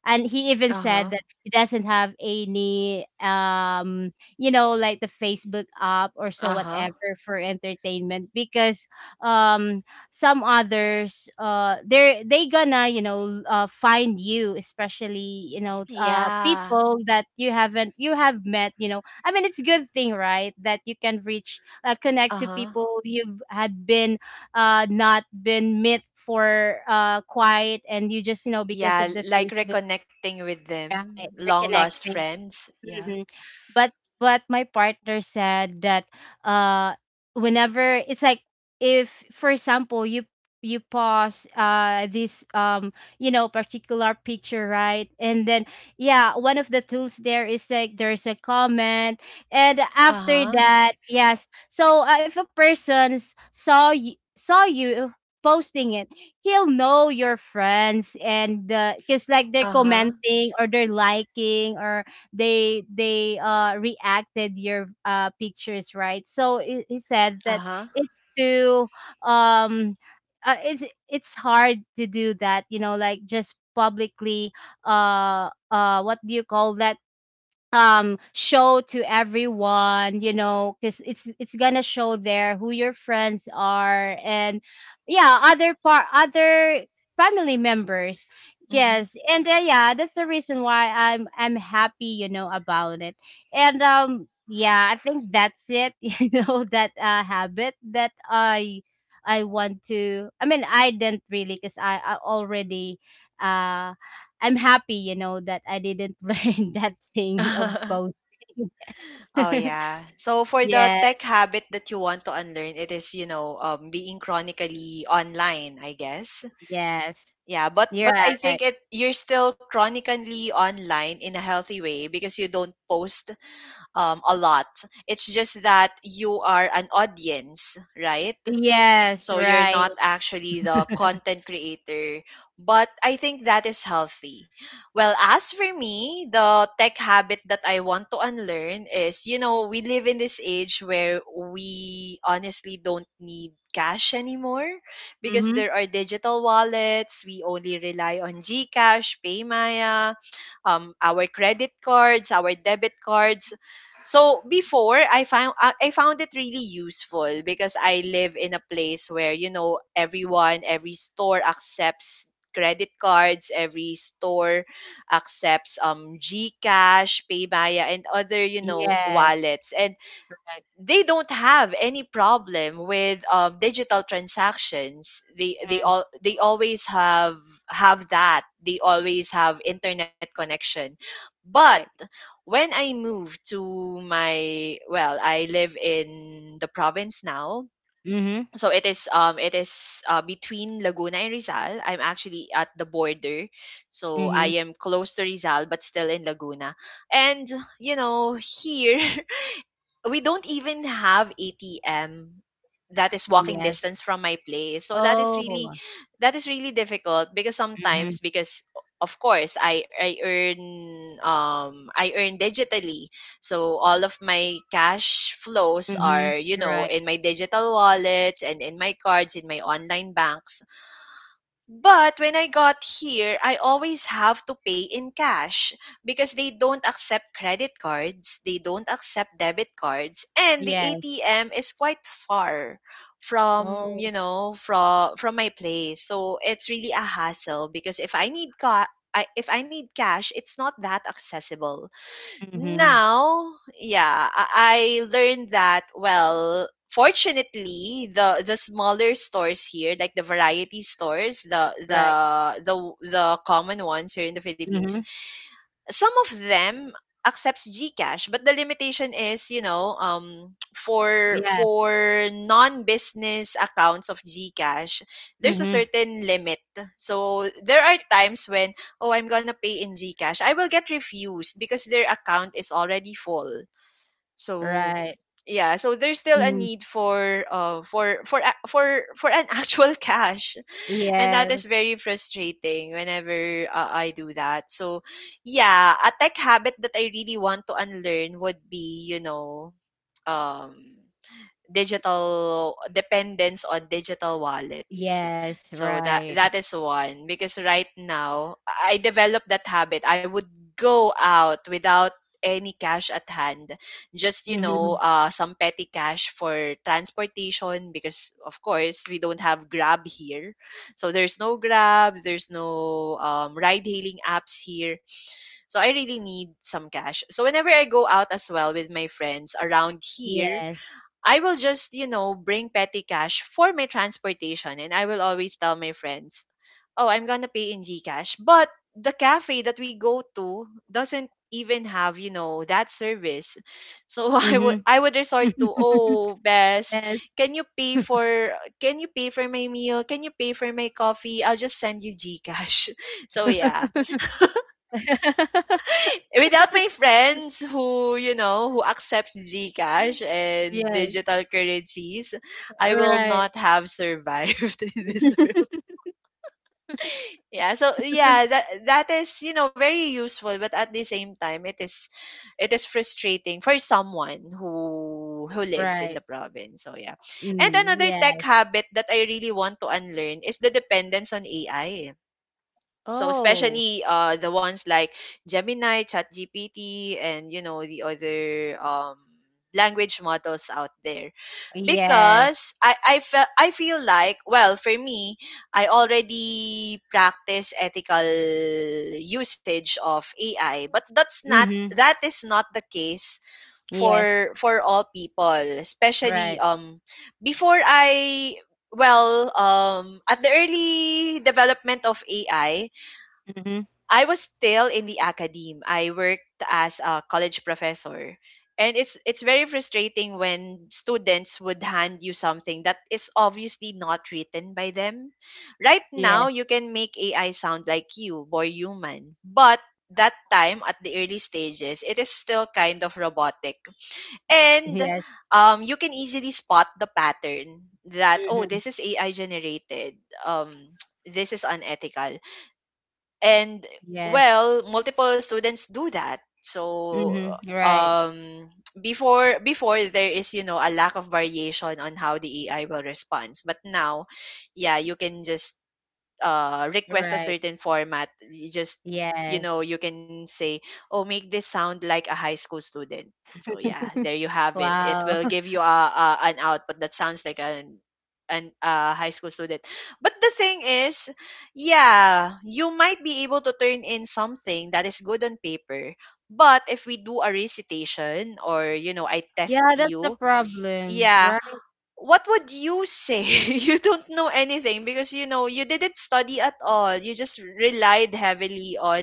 And he even said Uh-huh. that he doesn't have any you know, like the Facebook app or so, Uh-huh. whatever, for entertainment. Because um some others they're they gonna, you know, find you, especially, you know, Yeah. people that you haven't you have met, you know. I mean, it's a good thing, right? That you can reach connect to Uh-huh. people you've had been not been met for quiet, and you just, you know, because Yeah, of the like Facebook, reconnecting with them, right, long lost reconnecting. friends. Yeah. Mhm. But but my partner said that uh whenever it's like if for example you you pause this you know particular picture, right? And then yeah, one of the tools there is like there's a comment, and after Uh-huh. that yes. So if a person saw you posting it, he'll know your friends. And because like they're Uh-huh. commenting or they're liking, or they reacted your pictures, right? So he said that Uh-huh. it's to um it's it's hard to do that, you know, like just publicly what do you call that, show to everyone you know, because it's gonna show there who your friends are, and yeah, other part, other family members. Mhm. Yes. And yeah, that's the reason why I'm happy, you know, about it. And yeah, I think that's it, you know, that habit that I want to, I mean, I didn't really, because I already uh I'm happy, you know, that I didn't learn that thing of posting. Oh yeah. So for the yes, tech habit that you want to unlearn, it is, being chronically online, I guess. yes. Yeah, but Yeah, I right. think it you're still chronically online in a healthy way because you don't post a lot. It's just that you are an audience, right? Yes, So you're right. not actually the content creator. But I think that is healthy. Well, as for me, the tech habit that I want to unlearn is, you know, we live in this age where we honestly don't need cash anymore because Mm-hmm. there are digital wallets. We only rely on Gcash, Paymaya, our credit cards, our debit cards. So before I found it really useful because I live in a place where, you know, everyone, every store accepts credit cards, every store accepts GCash, PayMaya and other, you know, Yes. wallets, and Right. they don't have any problem with digital transactions. They they Mm, all they always have that. They always have internet connection. But right. when I moved to my, well, I live in the province now. Mm-hmm. So it is, between Laguna and Rizal. I'm actually at the border. So Mm-hmm. I am close to Rizal but still in Laguna. And, you know, here we don't even have ATM that is walking Yes. distance from my place. So that is really Oh. that is really difficult because Mm-hmm. sometimes, because of course I earn I earn digitally. So all of my cash flows are, Mm-hmm. you know, Right. in my digital wallets and in my cards, in my online banks. But when I got here, I always have to pay in cash because they don't accept credit cards, they don't accept debit cards, and the Yes. ATM is quite far from, you Oh. know, from my place. So it's really a hassle because if I need ca- I, if I need cash, it's not that accessible. Mm-hmm. Now, yeah, I learned that. Well, fortunately, the smaller stores here, like the variety stores, Right. the the common ones here in the Philippines, Mm-hmm. some of them accepts Gcash, but the limitation is, you know, for Yes. Non-business accounts of Gcash, there's a Mm-hmm. certain limit. So there are times when, oh, I'm gonna pay in Gcash, I will get refused because their account is already full. So Right. yeah, so there's still a Mm-hmm. need for for an actual cash, and that Yes. is very frustrating whenever I do that. So, yeah, a tech habit that I really want to unlearn would be, you know, um digital dependence on digital wallets. Yes. So that Right. that is one because right now I developed that habit. I would go out without any cash at hand, just, Mm-hmm. Some petty cash for transportation because of course we don't have grab here, so there's no grab, there's no, ride hailing apps here. So I really need some cash, so whenever I go out as well with my friends around here, Yes. I will just, you know, bring petty cash for my transportation, and I will always tell my friends, "Oh, I'm going to pay in GCash." But the cafe that we go to doesn't even have, you know, that service. So I Mm-hmm. would I would resort to, "Oh, Bess, Yes. can you pay for my meal? Can you pay for my coffee? I'll just send you GCash." So yeah, without my friends who, you know, who accepts Gcash and Yes, digital currencies, all I will right. not have survived in this world. Yeah, so yeah, that is, you know, very useful, but at the same time, it is frustrating for someone who lives in Right. the province. So yeah, and Mm, another yes. tech habit that I really want to unlearn is the dependence on AI, so Oh, especially the ones like Gemini, ChatGPT, and you know, the other language models out there, yes. because I feel like, well, for me, I already practice ethical usage of AI, but that's not Mhm. that is not the case Yes. for all people, especially. Right. Before I well At the early development of AI, Mhm. I was still in the academe. I worked as a college professor. And it's very frustrating when students would hand you something that is obviously not written by them. Right Yes. now, you can make AI sound like you, more human. But that time at the early stages, it is still kind of robotic. And Yes. You can easily spot the pattern that, oh, Mhm. this is AI generated. Um, this is unethical, and Yes. well, multiple students do that. So Mhm. Right. um before there is, you know, a lack of variation on how the AI will respond. But now, yeah, you can just request a Right. certain format. You just, you know, Yes. you can say, oh, make this sound like a high school student, so yeah, there you have it, it Wow. will give you a, an output that sounds like an a high school student. But the thing is, yeah, you might be able to turn in something that is good on paper. But if we do a recitation or, you know, I test Yeah, that's the you, problem, yeah, right? what would you say? You don't know anything because, you know, you didn't study at all. You just relied heavily on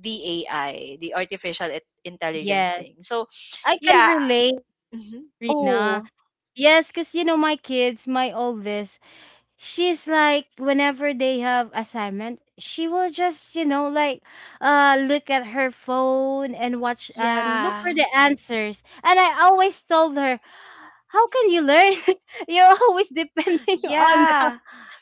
the AI, the artificial intelligence Yes. thing. So, I can yeah. relate, Mhm. Rina. Oh, Yes, because you know, my kids, my oldest, she's like whenever they have assignment, she will just you know like look at her phone and watch and look for yeah. the answers. And I always told her, how can you learn? you're always depending on the, Yeah.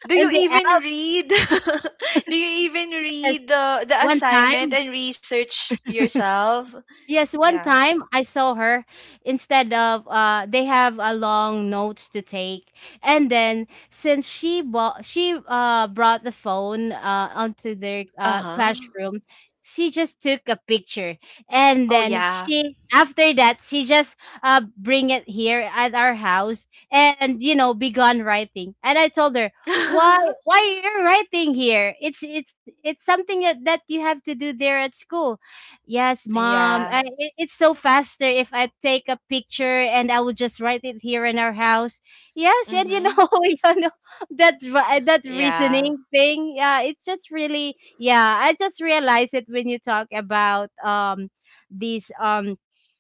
Do on you the even app. read? Do you even Yes. read the One assignment time, and research yourself? yes, one Yeah. time I saw her, instead of they have a long notes to take, and then since she brought the phone onto their Uh-huh. classroom, she just took a picture. And Oh then yeah. she, after that, she just bring it here at our house, and you know begun writing. And I told her, why why are you writing here? It's it's something that that you have to do there at school. Yes, mom. Yeah. I, it, it's so faster if I take a picture and I would just write it here in our house. Yes. And you Mhm. know, you know that that Yeah. reasoning thing, yeah, it's just really. Yeah, I just realized it when you talk about these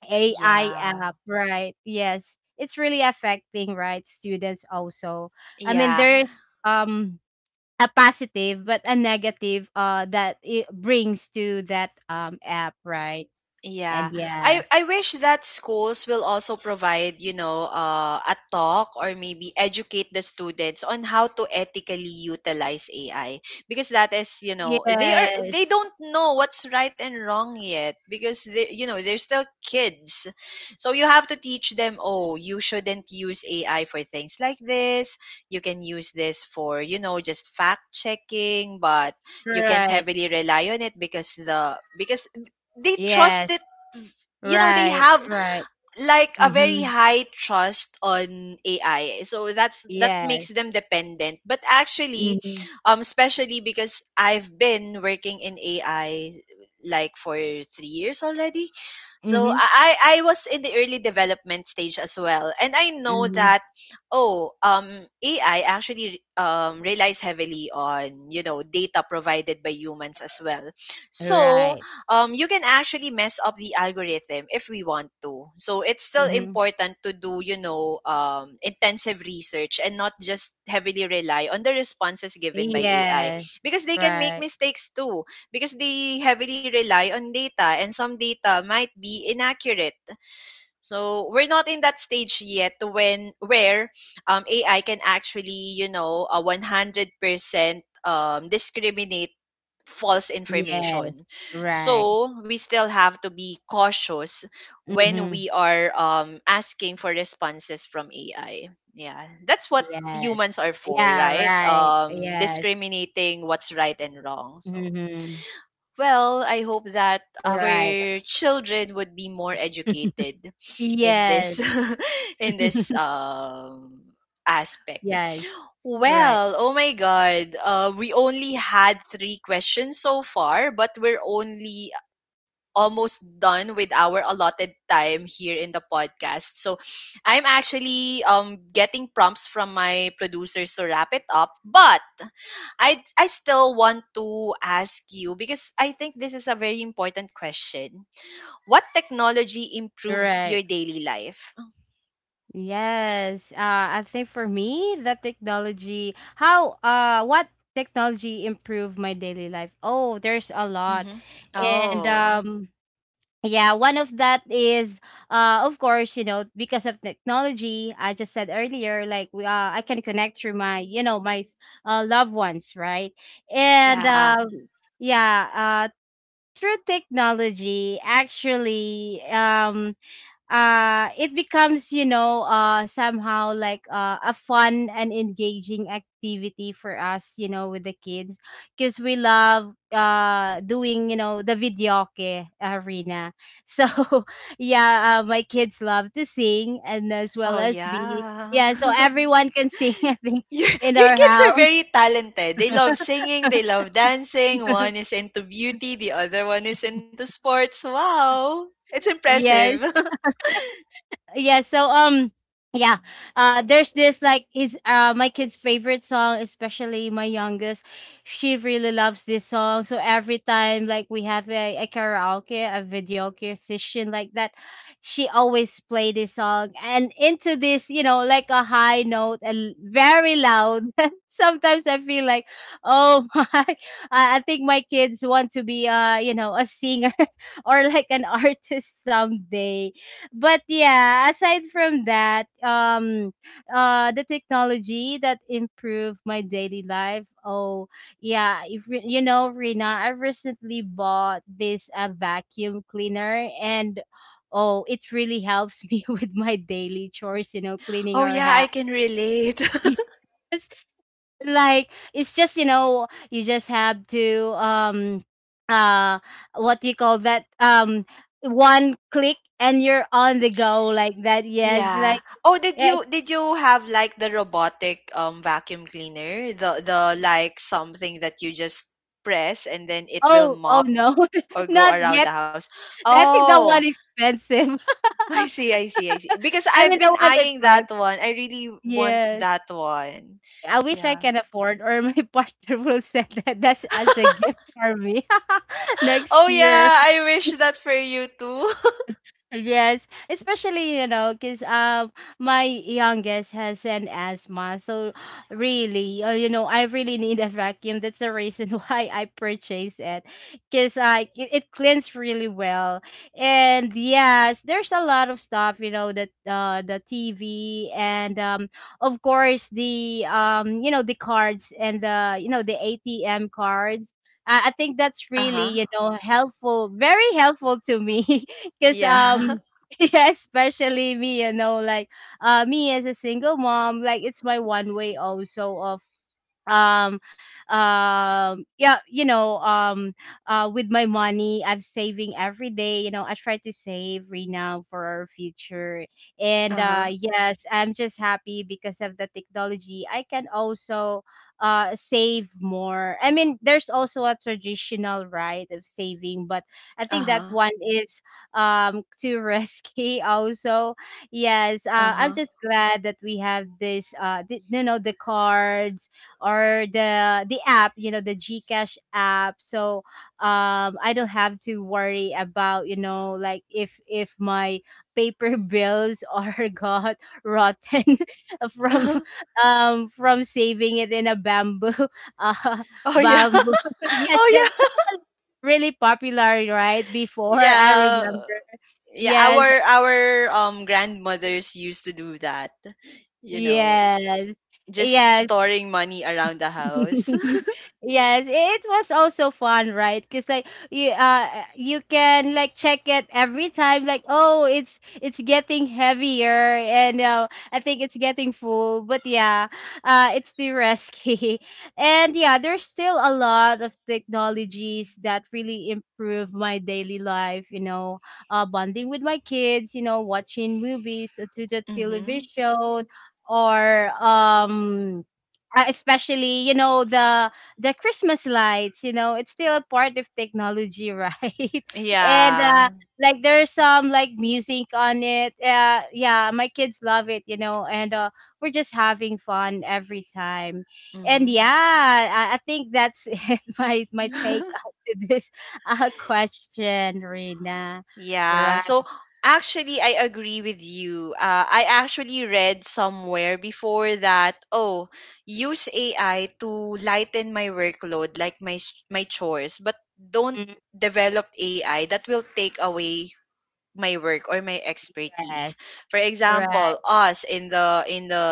AI Yeah. app, right? Yes, it's really affecting, right, students also. I mean, Yeah. there's um a positive but a negative that it brings to that app, right? Yeah. And yes, I wish that schools will also provide, you know, a talk or maybe educate the students on how to ethically utilize AI, because that is, you know, yes, they don't know what's right and wrong yet because they, you know, they're still kids. So you have to teach them, "Oh, you shouldn't use AI for things like this. You can use this for, you know, just fact checking, but you can't right, heavily rely on it, because the because they trusted, yes, you know, they right, have right, like a mm-hmm, very high trust on AI, so that's that makes yes, them dependent. But actually, mm-hmm, especially because I've been working in AI like for 3 years already, so mm-hmm, I was in the early development stage as well, and I know mm-hmm, that, oh um AI actually relies heavily on, you know, data provided by humans as well. So right, you can actually mess up the algorithm if we want to. So it's still mm-hmm, important to do, you know, intensive research and not just heavily rely on the responses given by AI, yes, because they can make right, mistakes too, because they heavily rely on data and some data might be inaccurate. So we're not in that stage yet to when where, AI can actually, you know, a 100% discriminate false yes, information. right, So we still have to be cautious when mm-hmm, we are, asking for responses from AI. Yeah, that's what yes, humans are for, yeah, right? right, yes, Discriminating what's right and wrong. So mm-hmm, well, I hope that right, our children would be more educated in yes. this in this aspect. Yes. Right. Well, oh my god. We only had three questions so far, but we're only almost done with our allotted time here in the podcast. So I'm actually getting prompts from my producers to wrap it up, but I still want to ask you because I think this is a very important question. What technology improved Right. your daily life? Yes. I think for me, the technology, how, what technology improved my daily life? Oh, there's a lot. Mm-hmm. And, Oh, yeah, one of that is, of course, you know, because of technology, I just said earlier, like, we, I can connect through my, you know, my, loved ones, right? And, yeah. um, yeah, uh, Through technology, actually, it becomes, somehow like, a fun and engaging activity for us, you know, with the kids, because we love doing, you know, the videoke arena. So yeah my kids love to sing and as well Oh, as be, yeah. yeah, so everyone can sing. I think your, in your our kids are house. very talented. They love singing, they love dancing. One is into beauty, the other one is into sports. Wow. It's impressive. Yes. yeah so um yeah, there's this, like his my kid's favorite song, especially my youngest. She really loves this song, so every time like we have a karaoke, a video karaoke session like that, she always play this song and into this, you know, like a high note and very loud. Sometimes I feel like, oh my. I think my kids want to be, you know, a singer or like an artist someday. But yeah, aside from that, the technology that improved my daily life. Oh, yeah, if re- you know, Rina, I recently bought this a vacuum cleaner, and oh, it really helps me with my daily chores, you know, cleaning Oh, our yeah, house. I can relate. Like, it's just, you know, you just have to uh what do you call that, one click and you're on the go, like that. Yes, Yeah. like, Oh, did yeah. you have like the robotic vacuum cleaner? The like something that you just press and then it will Oh, oh, mop no. or go Not around yet. the house. I think that Oh, one expensive. I see. Because I I've mean been the one I eyeing plugged. that one. I really want Yes, that one. I wish I Yeah. can afford, or my partner will send that, that's as a gift for me, next Oh year. yeah, I wish that for you too. Yes, especially, you know, cause my youngest has an asthma, so really, you know, I really need a vacuum. That's the reason why I purchased it, cause it cleans really well. And yes, there's a lot of stuff, you know, that the TV, and of course the, you know, the cards and the, you know, the ATM cards. I think that's really, Uh-huh. you know, helpful, very helpful to me. Because Yeah. Yeah, especially me, you know, like me as a single mom, like it's my one way also of um yeah, with my money, I'm saving every day, you know, I try to save right now for our future. And Uh-huh. Yes, I'm just happy because of the technology, I can also save more. I mean, there's also a traditional, right, of saving, but I think that Uh-huh. one is too risky also. Yes, I'm Uh-huh. just glad that we have this you know, the cards, or the app, you know, the GCash app. So I don't have to worry about, you know, like if my paper bills are got rotten from, Uh-huh. From saving it in a bamboo uh Oh yeah. bamboo. Yes, Oh that, yeah. that was really popular right before, I Yeah. remember. Yeah, Yes, our grandmothers used to do that, you know, yes. just Yes, storing money around the house. yes, it was also fun, right? Because like you, you can like check it every time. Like, oh, it's getting heavier, and I think it's getting full. But yeah, it's the risky. And yeah, there's still a lot of technologies that really improve my daily life. You know, bonding with my kids, you know, watching movies, to the Hmm. television, or especially, you know, the christmas lights, you know, it's still a part of technology, right? And Yeah. Like there's some like music on it, yeah, my kids love it, you know, and we're just having fun every time. And Hmm. yeah, I think that's it, my take out to this question, Rina. Yeah, Right. so actually I agree with you. I actually read somewhere before that, oh, use AI to lighten my workload, like my my chores, but don't Mm, develop AI that will take away my work or my yes, expertise. For right, example, us in the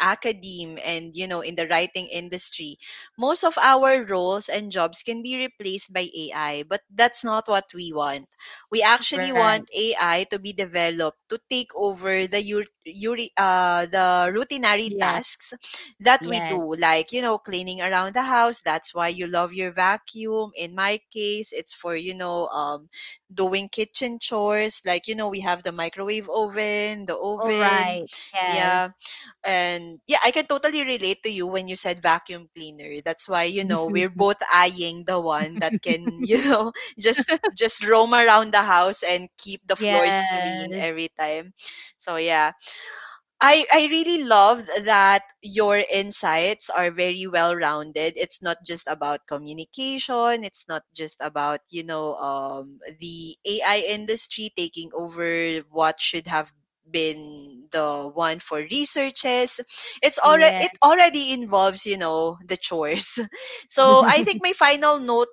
academe, and you know, in the writing industry, most of our roles and jobs can be replaced by AI, but that's not what we want. We actually right, want AI to be developed to take over the the routinary yes, tasks that we yes, do, like, you know, cleaning around the house. That's why you love your vacuum. In my case, it's for, you know, doing kitchen chores, like you know, we have the microwave oven, the all oven. right, Yeah. yes. And yeah, I can totally relate to you when you said vacuum cleaner. That's why, you know, we're both eyeing the one that can you know, just roam around the house and keep the floors clean Yes, every time. So yeah, I really love that your insights are very well rounded. It's not just about communication. It's not just about, you know, the AI industry taking over what should have been the one for researches. It's already, yes. it already involves, you know, the chores. So I think my final note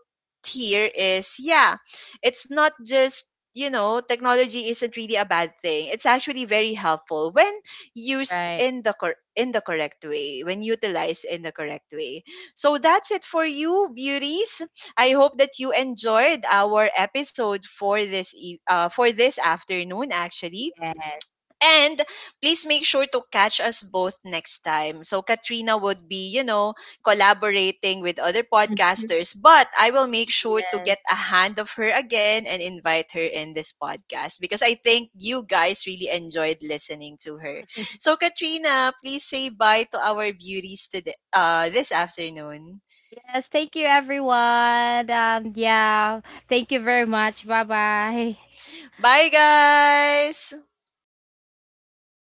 here is, yeah, it's not just, you know, technology isn't really a bad thing. It's actually very helpful when used Right. in the correct way, when utilized in the correct way. So that's it for you, beauties. I hope that you enjoyed our episode for this for this afternoon actually. Yes. And please make sure to catch us both next time. So Katrina would be, you know, collaborating with other podcasters, but I will make sure to Yes. get a hand of her again and invite her in this podcast because I think you guys really enjoyed listening to her. So Katrina, please say bye to our beauties today, this afternoon. Yes, thank you, everyone. Yeah, thank you very much. Bye bye. Bye guys.